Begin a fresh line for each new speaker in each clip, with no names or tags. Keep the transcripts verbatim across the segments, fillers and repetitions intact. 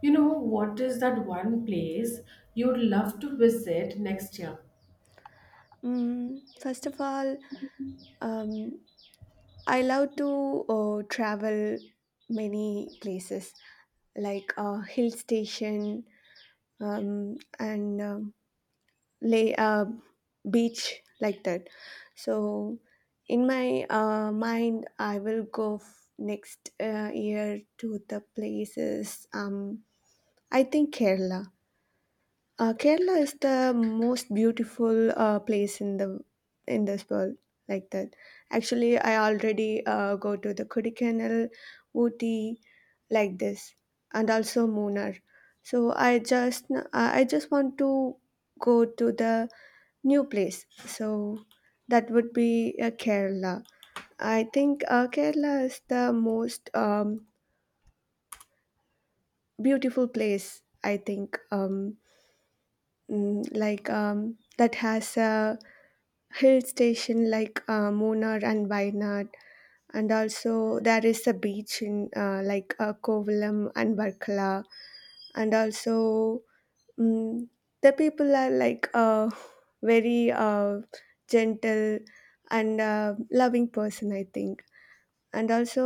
You know, what is that one place you'd love to visit next year?
Mm, first of all, um, I love to uh, travel many places, like uh, hill station, um, and um, lay uh, beach, like that. So in my uh, mind, I will go f- next uh, year to the places. Um, I think Kerala. Uh, Kerala is the most beautiful uh, place in the in this world. Like that, actually, I already uh, go to the Kodaikanal, Ooty, like this, and also Munnar. So I just uh, I just want to go to the new place. So that would be uh, Kerala. I think uh, Kerala is the most um, beautiful place, I think. Um, mm, like um, that has a hill station like uh, Munnar and Wayanad, and also there is a beach in uh, like uh, Kovalam and Varkala, and also mm the people are like uh, very uh, gentle and uh, loving person, I think, and also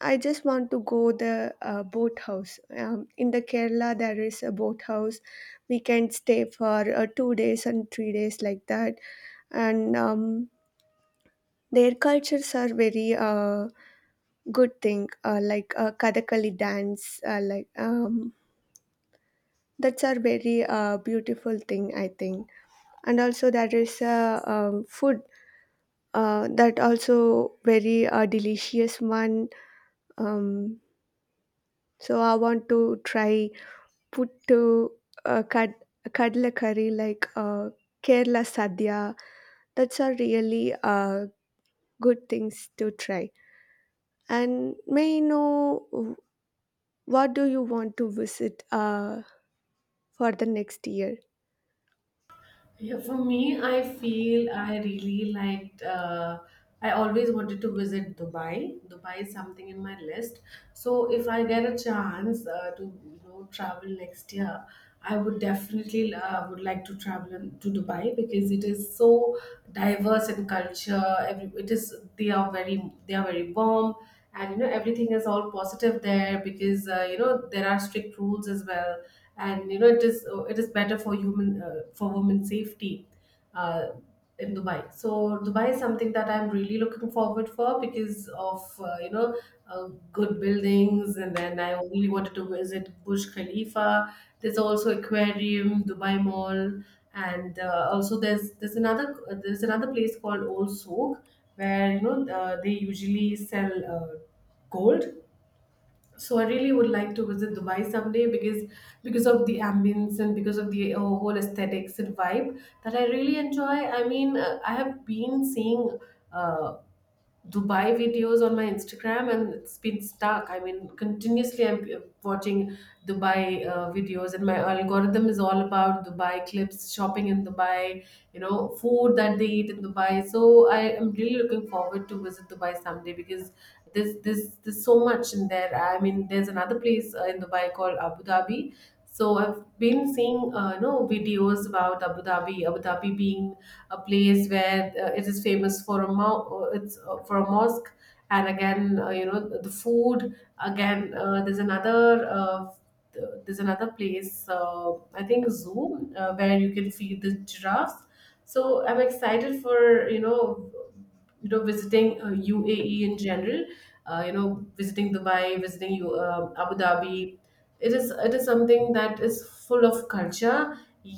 I just want to go the uh, boat house, um, in the Kerala there is a boat house. We can stay for uh, two days and three days, like that, and um, their cultures are very uh, good thing, uh, like uh, kathakali dance, uh, like um, that's a very uh, beautiful thing, I think. And also there is a um, food, uh, that also very uh, delicious one. um, so I want to try put to uh, kad- kadalakari, like uh, Kerala sadhya. That's are really uh, good things to try. And may I know w- what do you want to visit uh, for the next year?
Yeah, for me, I feel I really liked. Uh, I always wanted to visit Dubai. Dubai is something in my list. So if I get a chance uh, to you know travel next year, I would definitely uh, would like to travel in- to Dubai because it is so diverse in culture. Every it is they are very they are very warm, and you know everything is all positive there because uh, you know there are strict rules as well and you know it is uh, it is better for human uh, for women's safety uh, in Dubai. So Dubai is something that I'm really looking forward for because of uh, you know uh, good buildings, and then I really wanted to visit Burj Khalifa. There's also aquarium, Dubai Mall, and uh, also there's there's another there's another place called Old Souk where you know uh, they usually sell uh, gold. So I really would like to visit Dubai someday because because of the ambience and because of the uh, whole aesthetics and vibe that I really enjoy. I mean, uh, I have been seeing uh, Dubai videos on my Instagram, and it's been stuck. I mean, continuously I'm uh, watching Dubai uh, videos, and my algorithm is all about Dubai clips, shopping in Dubai, you know, food that they eat in Dubai. So I am really looking forward to visit Dubai someday because there's there's there's so much in there. I mean, there's another place uh, in Dubai called Abu Dhabi. So I've been seeing, uh, you know, videos about Abu Dhabi, Abu Dhabi being a place where uh, it is famous for a mo- uh, it's uh, for a mosque, and again uh, you know the food. Again uh, there's another uh, th- there's another place uh, I think zoo uh, where you can feed the giraffes. So I'm excited for you know you know visiting uh, UAE in general, uh, you know visiting Dubai, visiting U- uh, Abu Dhabi. It is it is something that is full of culture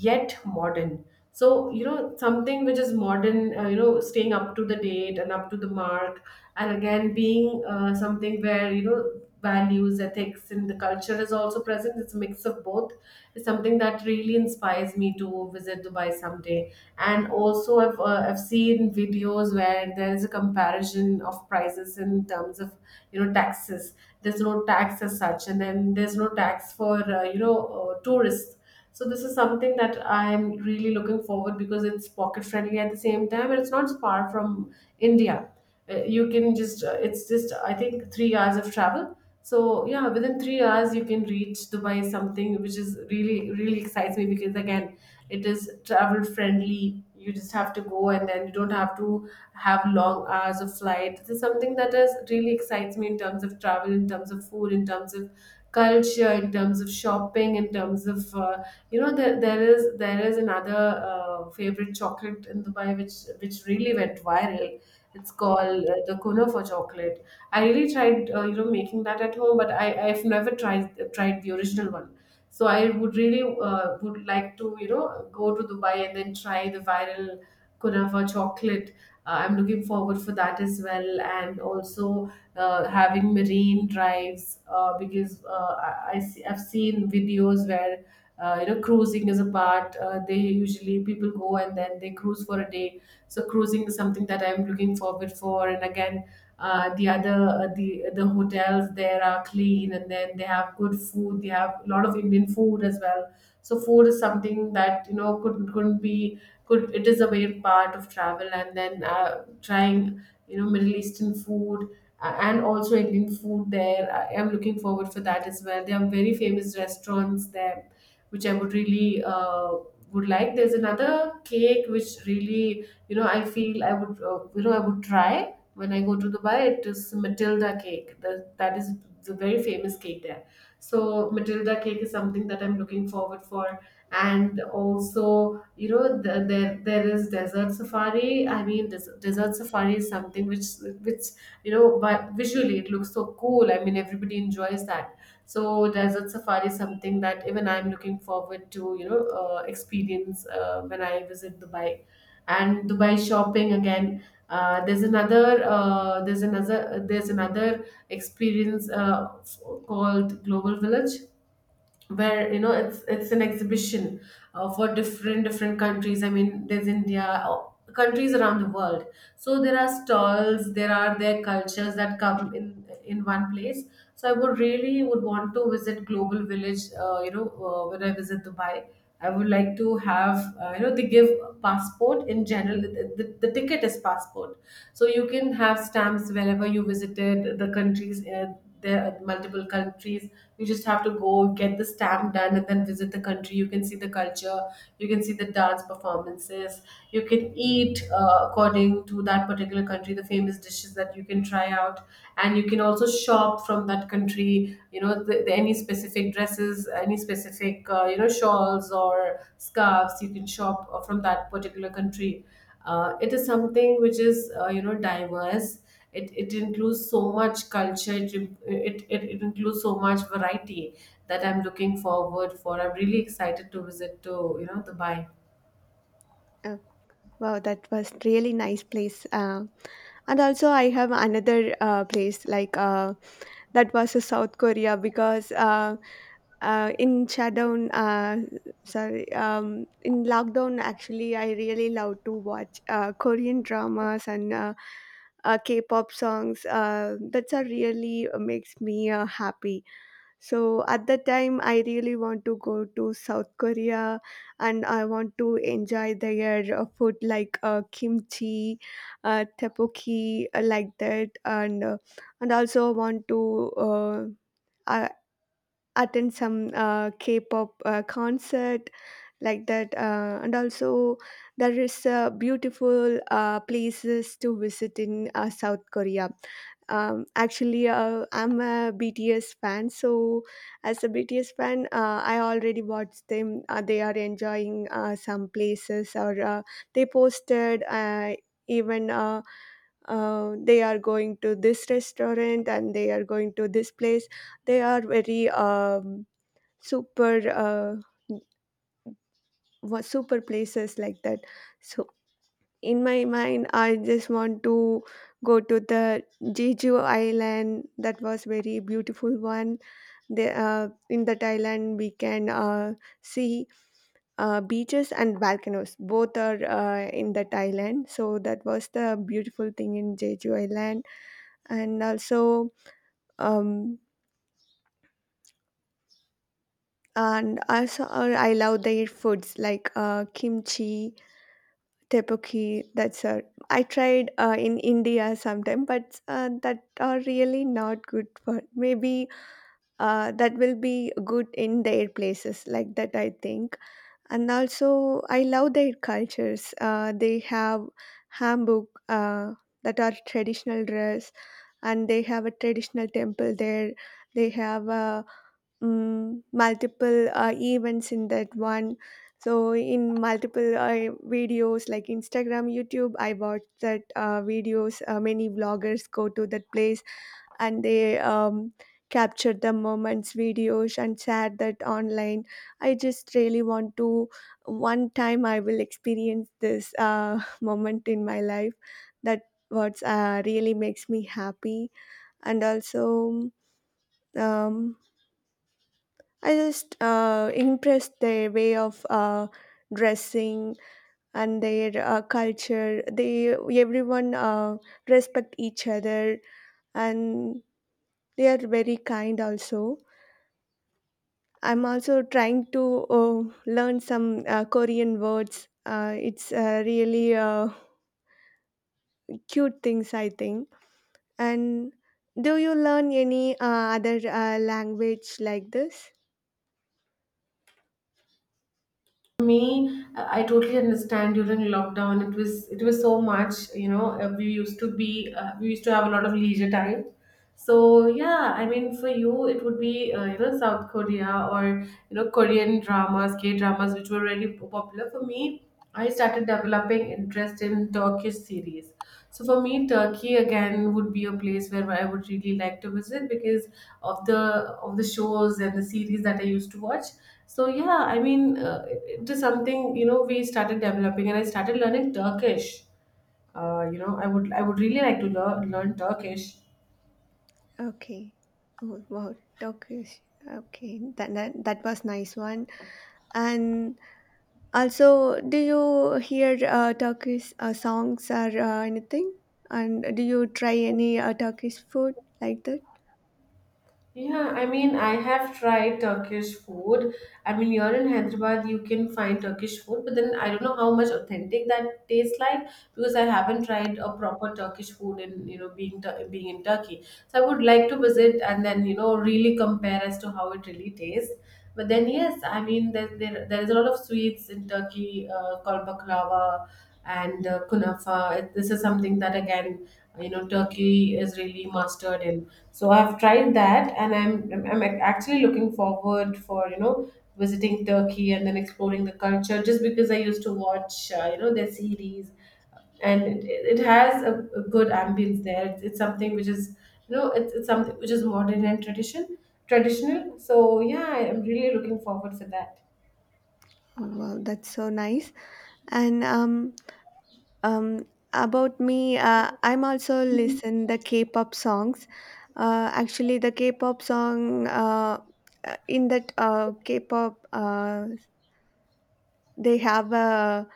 yet modern. So you know something which is modern, uh, you know staying up to the date and up to the mark, and again being uh, something where you know values, ethics and the culture is also present. It's a mix of both. It's something that really inspires me to visit Dubai someday. And also i've, uh, I've seen videos where there is a comparison of prices in terms of you know taxes. There's no tax as such, and then there's no tax for uh, you know uh, tourists. So this is something that I'm really looking forward because it's pocket friendly at the same time, and it's not far from India. Uh, you can just uh, it's just I think three hours of travel. So yeah, within three hours you can reach Dubai, something which is really really excites me because again it is travel friendly. You just have to go, and then you don't have to have long hours of flight. This is something that is really excites me in terms of travel, in terms of food, in terms of culture, in terms of shopping, in terms of uh, you know there, there is there is another uh, favorite chocolate in Dubai which which really went viral. It's called uh, the kunafa chocolate. I really tried uh, you know making that at home, but i i've never tried tried the original one. So I would really uh, would like to you know go to Dubai and then try the viral kunafa chocolate. Uh, I'm looking forward for that as well, and also uh, having marine drives uh, because uh, I, I see, I've seen videos where uh, you know cruising is a part. Uh, they usually people go, and then they cruise for a day. So cruising is something that I'm looking forward for, and again uh, the other uh, the the hotels there are clean, and then they have good food. They have a lot of Indian food as well. So food is something that you know could couldn't be could it is a main part of travel. And then uh, trying you know Middle Eastern food, uh, and also Indian food there. I am looking forward for that as well. There are very famous restaurants there which I would really uh, would like. There's another cake which really you know I feel I would uh, you know I would try when I go to Dubai. It is Matilda cake. That that is the very famous cake there. So Matilda cake is something that I'm looking forward for, and also you know the, there there is desert safari. I mean, des- desert safari is something which which you know but visually it looks so cool. I mean, everybody enjoys that. So desert safari is something that even I'm looking forward to you know uh, experience uh, when I visit Dubai, and Dubai shopping again. Uh, there's another uh, there's another there's another experience uh, f- called Global Village where you know it's it's an exhibition uh, for different different countries. I mean, there's India, uh, countries around the world. So there are stalls, there are their cultures that come in in one place. So I would really would want to visit Global Village, uh, you know uh, when I visit Dubai. I would like to have uh, you know they give passport in general. The, the, the ticket is passport. So you can have stamps wherever you visited the countries. Uh, there are multiple countries. You just have to go, get the stamp done, and then visit the country. You can see the culture, you can see the dance performances, you can eat uh, according to that particular country the famous dishes that you can try out. And you can also shop from that country, you know the, the, any specific dresses, any specific uh, you know shawls or scarves. You can shop uh, from that particular country. Uh, it is something which is uh, you know diverse. It, it includes so much culture. It, it, it, it includes so much variety that I'm looking forward for. I'm really excited to visit to you know Dubai.
Uh, wow, that was really nice place. Uh, and also I have another uh, place, like uh, that was uh, South Korea, because uh, uh, in shutdown, uh, sorry, um, in lockdown, actually, I really love to watch uh, Korean dramas and uh, uh, K-pop songs. Uh, that's a really uh, makes me uh, happy. So at that time, I really want to go to South Korea, and I want to enjoy their uh, food, like uh, kimchi, uh, tteokbokki, uh, like that, and uh, and also want to uh, uh, attend some uh, K-pop uh, concert, like that, uh, and also there is uh, beautiful uh, places to visit in uh, South Korea. Um, actually, uh, I'm a BTS fan, so as a BTS fan uh, I already watched them. Uh, they are enjoying uh, some places, or uh, they posted, uh, even uh, uh, they are going to this restaurant and they are going to this place. They are very um, super uh, was super places, like that. So in my mind, I just want to go to the Jeju Island. That was very beautiful one. The, uh, in that island, we can uh, see uh, beaches and volcanoes. Both are uh, in that island. So that was the beautiful thing in Jeju Island. And also, um, and also, uh, I love their foods like uh, kimchi, tepuki. That's all I tried uh, in India sometime, but uh, that are really not good. For maybe uh, that will be good in their places, like that, I think. And also I love their cultures. Uh, they have hanbok, uh, that are traditional dress, and they have a traditional temple there. They have a mm, multiple uh, events in that one. So in multiple uh, videos like Instagram, YouTube, I watched that uh, videos. Uh, many vloggers go to that place and they um, capture the moments, videos, and share that online. I just really want to one time I will experience this uh, moment in my life. That what uh, really makes me happy, and also um, I just uh, impressed their way of uh, dressing and their uh, culture. They, everyone uh, respect each other, and they are very kind also. I'm also trying to uh, learn some uh, Korean words. Uh, it's uh, really uh, cute things, I think. And do you learn any uh, other uh, language like this?
Me, I totally understand. During lockdown, it was it was so much you know uh, we used to be uh, we used to have a lot of leisure time. So yeah, I mean, for you, it would be uh, you know South Korea or you know Korean dramas, K dramas, which were really p- popular. For me, I started developing interest in Turkish series. So for me, Turkey again would be a place where I would really like to visit because of the of the shows and the series that I used to watch. So yeah, I mean, uh, it, it is something you know we started developing, and I started learning Turkish. Uh, you know, I would I would really like to learn learn Turkish.
Okay. Oh wow, Turkish. Okay, that, that that was nice one. And also, do you hear uh, Turkish uh, songs or uh, anything? And do you try any uh, Turkish food, like that?
Yeah, I mean, I have tried Turkish food. I mean, you're in Hyderabad, you can find Turkish food, but then I don't know how much authentic that tastes like because I haven't tried a proper Turkish food in, you know, being Tur- being in Turkey. So I would like to visit and then, you know, really compare as to how it really tastes. But then, yes, I mean, there there, there is a lot of sweets in Turkey uh, called baklava and uh, kunafa. This is something that again you know Turkey is really mastered in. So I've tried that, and i'm i'm I'm actually looking forward for you know visiting Turkey and then exploring the culture just because I used to watch uh, you know their series. And it, it it has a, a good ambience there. It's, it's something which is you know it's, it's something which is modern and tradition traditional. So yeah, I'm really looking forward for that.
Oh, wow, that's so nice. And um um about me, uh, I'm also listen the K-pop songs. Uh, actually, the K-pop song, uh, uh, in that uh, K-pop, uh, they have a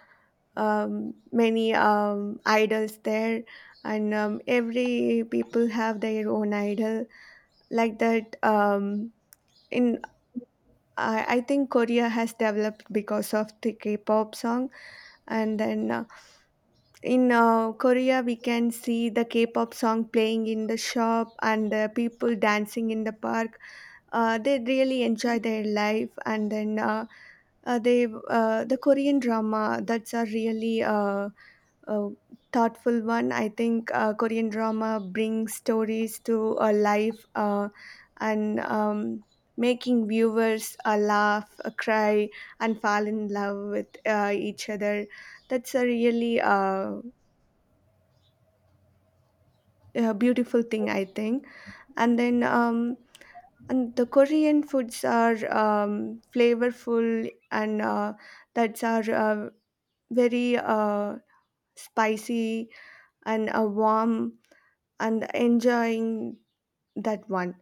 um, many um, idols there, and um, every people have their own idol, like that, um, in I, I think Korea has developed because of the K-pop song, and then uh, in uh, Korea we can see the K-pop song playing in the shop and the people dancing in the park. Uh, they really enjoy their life, and then uh, uh, they uh, the Korean drama that's are really uh, a thoughtful one. I think uh, Korean drama brings stories to uh, life, uh, and um, making viewers uh, laugh, uh, cry, and fall in love with uh, each other. That's a really uh, a beautiful thing, I think. And then um, and the Korean foods are um, flavorful and uh, that's are uh, very uh, spicy, and uh, warm, and enjoying that one.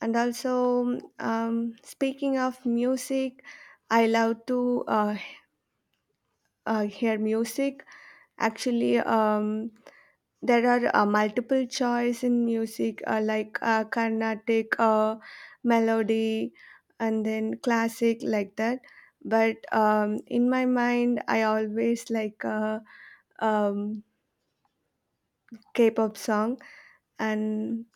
And also, um, speaking of music, I love to uh, uh, hear music. Actually, um, there are uh, multiple choice in music, uh, like uh, Carnatic uh, melody, and then classic, like that. But um, in my mind, I always like a um, K-pop song, and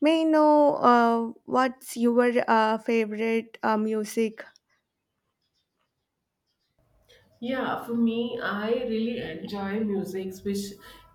may I know uh, what's your uh, favorite uh, music?
Yeah, for me, I really enjoy musics which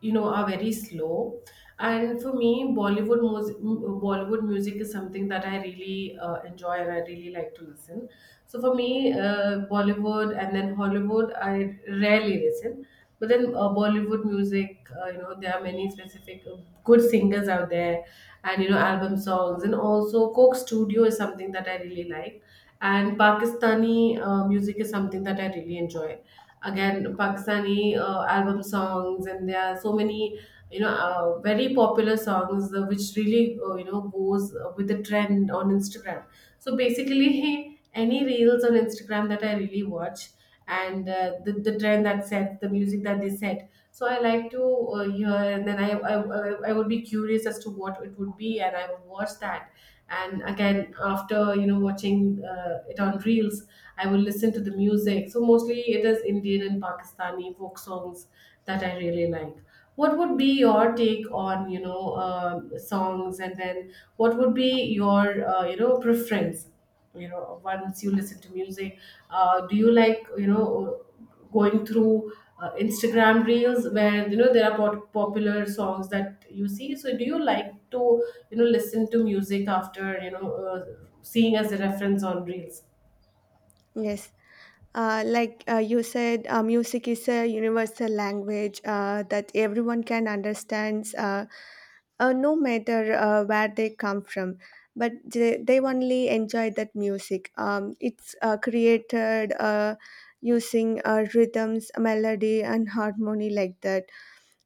you know are very slow. And for me, Bollywood mus- Bollywood music is something that I really uh, enjoy and I really like to listen. So for me, uh, Bollywood and then Hollywood, I rarely listen. But then uh, Bollywood music, uh, you know, there are many specific uh, good singers out there, and you know, album songs, and also Coke Studio is something that I really like, and Pakistani uh, music is something that I really enjoy. Again, Pakistani uh, album songs, and there are so many, you know, uh, very popular songs uh, which really, uh, you know, goes uh, with the trend on Instagram. So basically, any reels on Instagram that I really watch, and uh, the, the trend that set, the music that they set. So I like to uh, hear, and then I, I I I would be curious as to what it would be, and I would watch that. And again, after you know watching uh, it on reels, I will listen to the music. So mostly it is Indian and Pakistani folk songs that I really like. What would be your take on you know uh, songs? And then what would be your uh, you know preference, you know once you listen to music? Uh, do you like, you know going through uh, Instagram reels where you know there are pop- popular songs that you see? So do you like to, you know listen to music after you know uh, seeing as a reference on reels?
Yes, uh, like uh, you said, uh, music is a universal language uh, that everyone can understand, uh, uh, no matter uh, where they come from. But they, they only enjoy that music. Um, it's uh, created uh, using uh, rhythms, melody, and harmony, like that.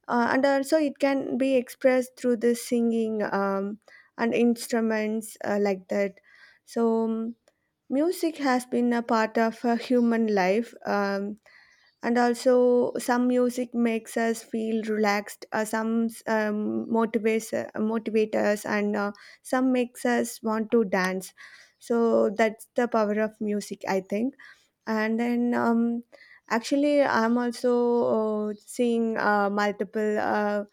Uh, and also, it can be expressed through the singing, um, and instruments, uh, like that. So, um, music has been a part of uh, human life, um, and also some music makes us feel relaxed. Uh, some um, motivates uh, motivate us, and uh, some makes us want to dance. So that's the power of music, I think. And then um, actually I'm also uh, seeing uh, multiple uh,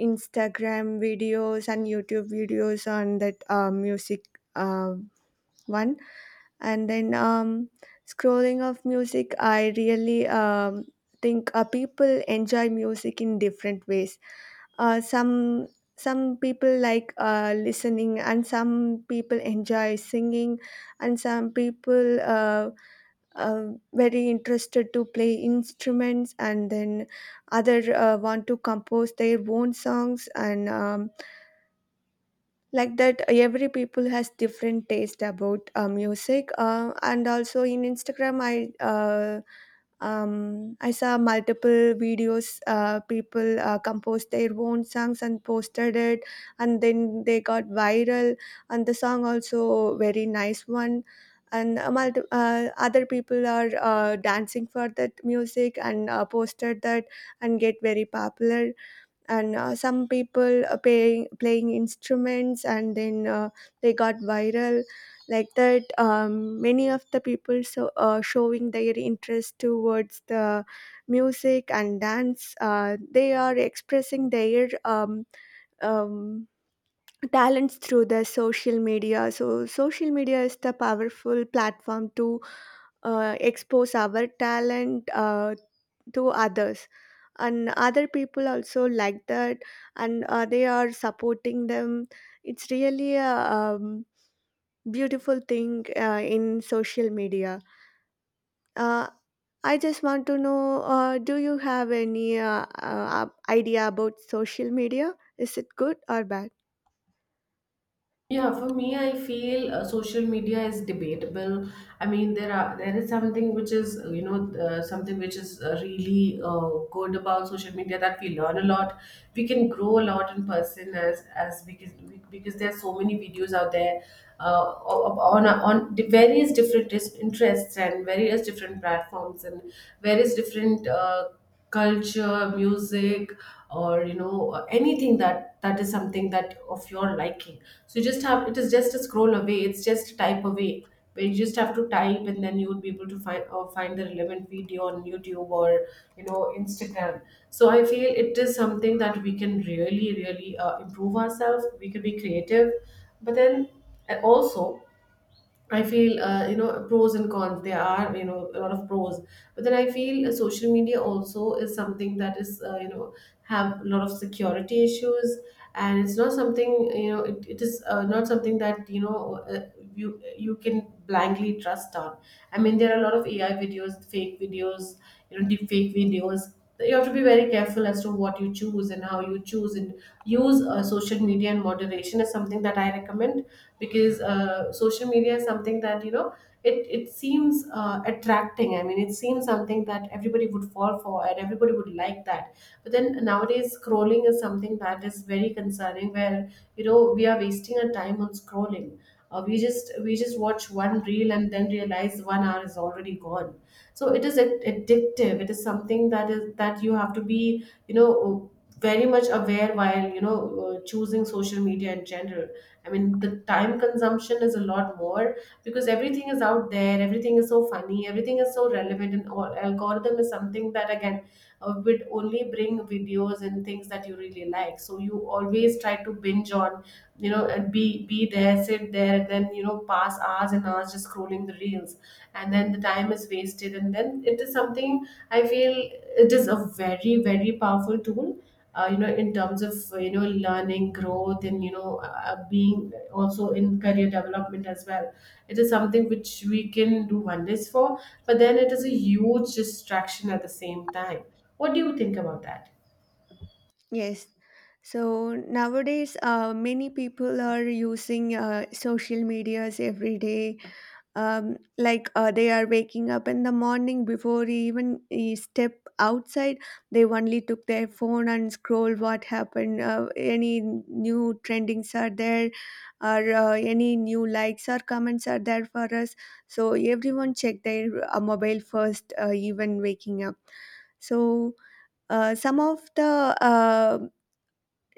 Instagram videos and YouTube videos on that uh, music uh, one. And then um, scrolling of music, I really um, think uh, people enjoy music in different ways. Uh, some some people like uh, listening, and some people enjoy singing, and some people uh, uh, very interested to play instruments, and then other uh, want to compose their own songs and. Um, like that, every people has different taste about uh, music, uh, and also in Instagram i uh, um, i saw multiple videos, uh, people uh, composed their own songs and posted it, and then they got viral, and the song also very nice one, and uh, multi- uh, other people are uh, dancing for that music, and uh, posted that, and get very popular, and uh, some people uh, paying, playing instruments, and then uh, they got viral, like that, um, many of the people, so uh, showing their interest towards the music and dance. Uh, they are expressing their um, um, talents through the social media. So social media is the powerful platform to uh, expose our talent uh, to others, and other people also like that, and uh, they are supporting them. It's really a um, beautiful thing uh, in social media. uh, I just want to know, uh, do you have any uh, uh, idea about social media? Is it good or bad?
Yeah, for me, I feel uh, social media is debatable. I mean, there are there is something which is uh, you know uh, something which is uh, really uh, good about social media, that we learn a lot. We can grow a lot in person, as as because because there are so many videos out there, uh, on on the various different dis- interests and various different platforms and various different uh, culture, music, or you know anything that that is something that of your liking. So you just have, it is just a scroll away. It's just a type away, where you just have to type and then you would be able to find or find the relevant video on YouTube or you know Instagram. So I feel it is something that we can really really uh, improve ourselves. We can be creative, but then and also, I feel uh, you know pros and cons. There are, you know a lot of pros, but then I feel uh, social media also is something that is, uh, you know have a lot of security issues, and it's not something, you know it, it is, uh, not something that you know uh, you you can blindly trust on. I mean, there are a lot of A I videos, fake videos, you know, deep fake videos. You have to be very careful as to what you choose and how you choose and use uh, social media in moderation is something that I recommend. Because uh, social media is something that, you know it, it seems uh, attracting. I mean, it seems something that everybody would fall for and everybody would like that. But then nowadays scrolling is something that is very concerning, where you know we are wasting our time on scrolling. Uh, we just we just watch one reel and then realize one hour is already gone. So it is ad- addictive. It is something that is that you have to be, you know uh, very much aware while you know uh, choosing social media in general. I mean, the time consumption is a lot more because everything is out there, everything is so funny, everything is so relevant, and all algorithm is something that again uh, would only bring videos and things that you really like, so you always try to binge on, you know and be be there, sit there, and then you know pass hours and hours just scrolling the reels. And then the time is wasted, and then it is something, I feel, it is a very very powerful tool, uh, you know in terms of uh, you know learning, growth, and you know uh, being also in career development as well. It is something which we can do wonders for, but then it is a huge distraction at the same time. What do you think about that?
Yes, so nowadays uh, many people are using uh, social medias every day, um, like, uh, they are waking up in the morning. Before he even he step outside, they only took their phone and scroll what happened. Uh, any new trendings are there, or uh, any new likes or comments are there for us. So everyone check their uh, mobile first, uh, even waking up. So uh, some of the uh,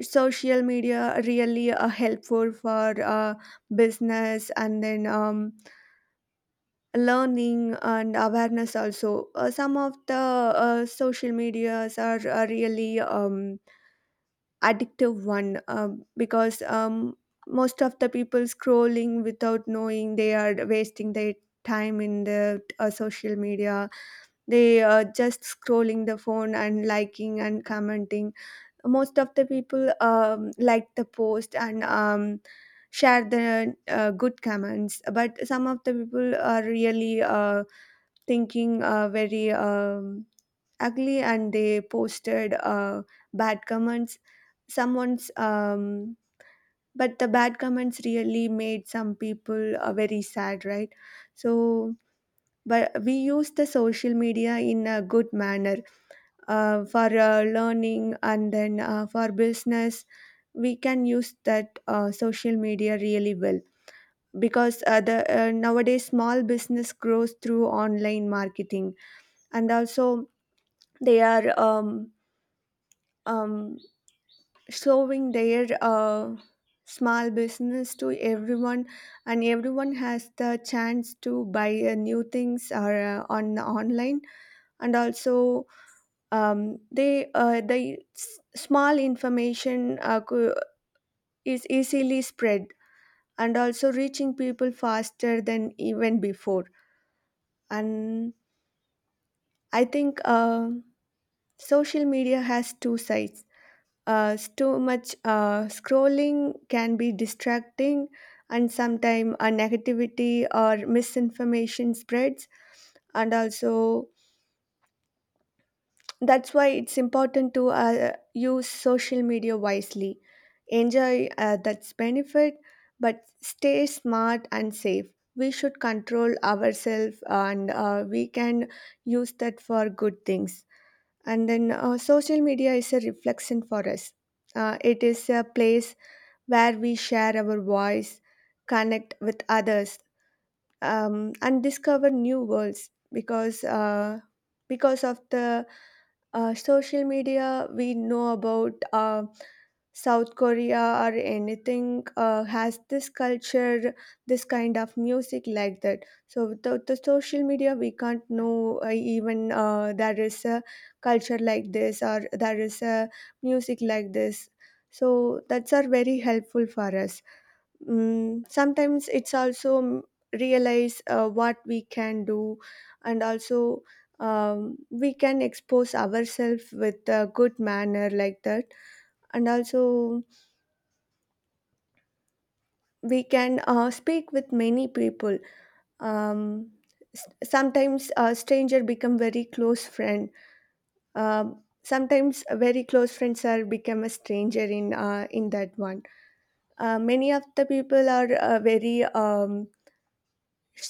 social media are really uh, helpful for uh, business and then um, learning and awareness also. Uh, some of the uh, social medias are, are really um, addictive one, um, because um, most of the people scrolling without knowing they are wasting their time in the uh, social media. They are just scrolling the phone and liking and commenting. Most of the people um, like the post and um, share the uh, good comments, but some of the people are really uh, thinking uh, very um, ugly and they posted uh, bad comments, someone's, um, but the bad comments really made some people uh, very sad, right? So but we use the social media in a good manner, uh, for uh, learning and then uh, for business. We can use that uh, social media really well, because uh, the uh, nowadays small business grows through online marketing, and also they are um, um, showing their uh, small business to everyone, and everyone has the chance to buy uh, new things or uh, on online. And also um, they uh, the s- small information uh, co- is easily spread and also reaching people faster than even before. And I think uh, social media has two sides. Uh, s- too much uh, scrolling can be distracting, and sometimes uh, negativity or misinformation spreads, and also that's why it's important to uh, use social media wisely, enjoy uh, that's benefit, but stay smart and safe. We should control ourselves, and uh, we can use that for good things. And then uh, social media is a reflection for us. Uh, it is a place where we share our voice, connect with others, um, and discover new worlds, because uh, because of the uh, social media we know about uh, South Korea, or anything uh, has this culture, this kind of music, like that. So without the social media, we can't know, uh, even uh, there is a culture like this or there is a music like this. So that's are very helpful for us. Mm, sometimes it's also mm, realize uh, what we can do, and also um, we can expose ourselves with a good manner, like that, and also we can uh, speak with many people, um, s- sometimes a stranger become very close friend. Um Sometimes very close friends are become a stranger in uh, in that one. Uh, many of the people are uh, very um,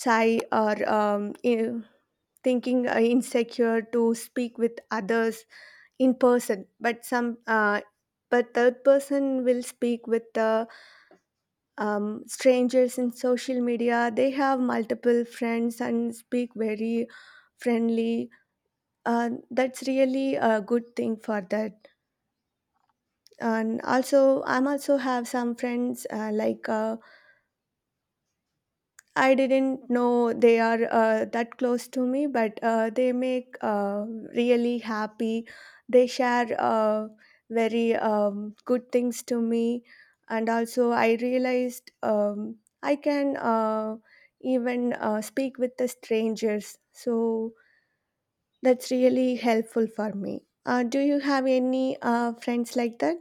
shy or um, thinking uh, insecure to speak with others in person, but some uh, but third person will speak with the um, strangers in social media. They have multiple friends and speak very friendly. Uh, that's really a good thing for that. And also I'm also have some friends, uh, like uh, I didn't know they are uh, that close to me, but uh, they make uh, really happy. They share uh, very um, good things to me, and also I realized um, I can uh, even uh, speak with the strangers. So that's really helpful for me. Uh, do you have any uh, friends like that?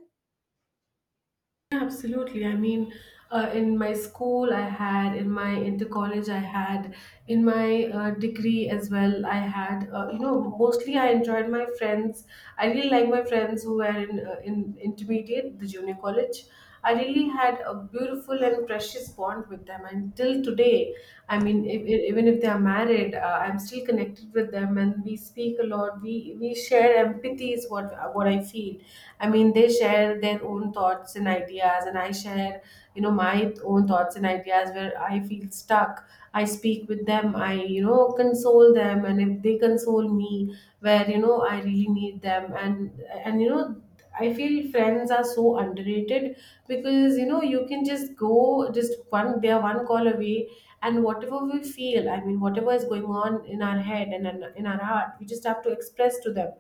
Yeah, absolutely. I mean, uh, in my school, I had, in my inter college, I had, in my uh, degree as well, I had. Uh, you know, mostly I enjoyed my friends. I really like my friends who were in, uh, in intermediate, the junior college. I really had a beautiful and precious bond with them, and till today, I mean, if, if- even if they are married, uh, I'm still connected with them, and we speak a lot. We we share empathy is what what I feel. I mean, they share their own thoughts and ideas, and I share you know my own thoughts and ideas where I feel stuck. I speak with them. I, you know console them, and if they console me, where you know I really need them, and and you know. I feel friends are so underrated, because you know you can just go, just one, they are one call away. And whatever we feel, I mean whatever is going on in our head and in in our heart, we just have to express to them.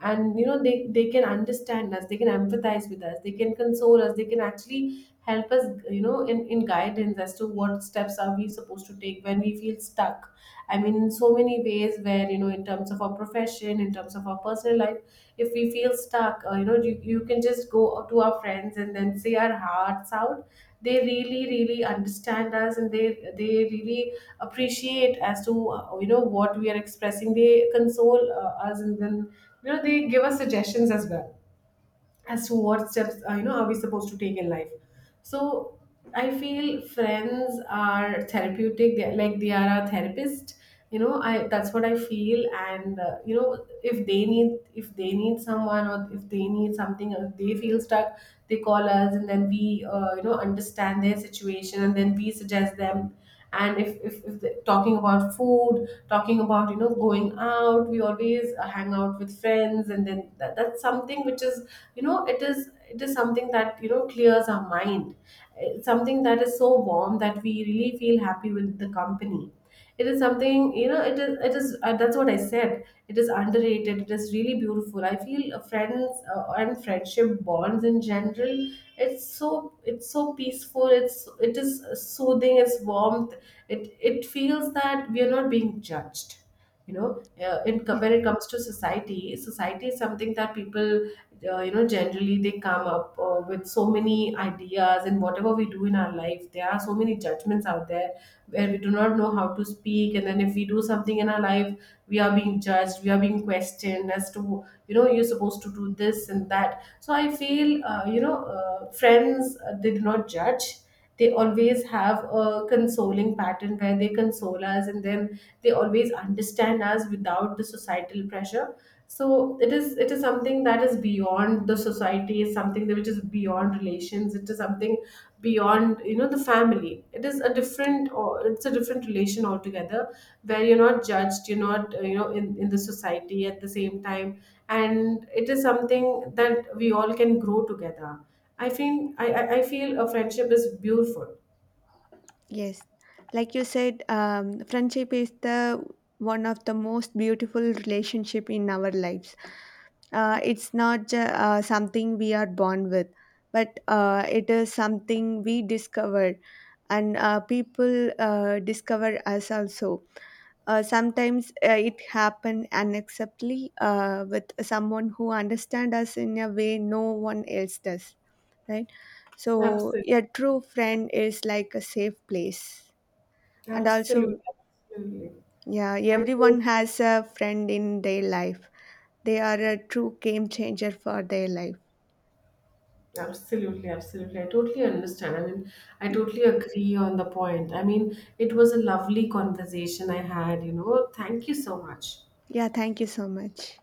And you know they they can understand us, they can empathize with us, they can console us, they can actually help us, you know in, in guidance as to what steps are we supposed to take when we feel stuck. I mean, in so many ways, where you know in terms of our profession, in terms of our personal life, if we feel stuck, uh, you know you, you can just go to our friends and then say our hearts out. They really really understand us, and they they really appreciate as to uh, you know what we are expressing. They console uh, us, and then you know they give us suggestions as well, as to what steps uh, you know are we supposed to take in life. So I feel friends are therapeutic, they like they are our therapist, you know I, that's what I feel. And uh, you know if they need, if they need someone, or if they need something, or if they feel stuck, they call us and then we, uh, you know understand their situation and then we suggest them. And if, if, if the, talking about food, talking about you know going out, we always uh, hang out with friends, and then that, that's something which is, you know it is, it is something that you know clears our mind. Uh, something that is so warm that we really feel happy with the company. It is something, you know it is, it is, uh, that's what I said, it is underrated, it is really beautiful. I feel uh, friends uh, and friendship bonds in general, it's so, it's so peaceful, it's, it is soothing, it's warmth. it it feels that we are not being judged, you know uh, in co- when it comes to society. Society is something that people uh, you know generally they come up uh, with so many ideas, and whatever we do in our life, there are so many judgments out there, where we do not know how to speak. And then if we do something in our life, we are being judged, we are being questioned as to, you know you're supposed to do this and that. So I feel uh, you know uh, friends uh, they do not judge. They always have a consoling pattern, where they console us, and then they always understand us without the societal pressure. So it is, it is something that is beyond the society, is something that which is beyond relations. It is something beyond, you know the family. It is a different, or it's a different relation altogether, where you're not judged, you're not uh, you know in, in the society at the same time. And it is something that we all can grow together. I feel, i, I I feel a friendship is beautiful.
Yes, like you said, um, friendship is the one of the most beautiful relationship in our lives. Uh, it's not ju- uh, something we are born with, but uh, it is something we discover, and uh, people uh, discover us also. Uh, sometimes uh, it happen unacceptably uh, with someone who understand us in a way no one else does, right? So,
Absolutely,
a true friend is like a safe place, and
absolutely,
also,
absolutely.
yeah,
I tot-
everyone has a friend in their life. They are a true game changer for their life.
Absolutely, absolutely. I totally understand. I mean, I totally agree on the point. I mean, it was a lovely conversation I had, you know. Thank you so much.
Yeah, thank you so much.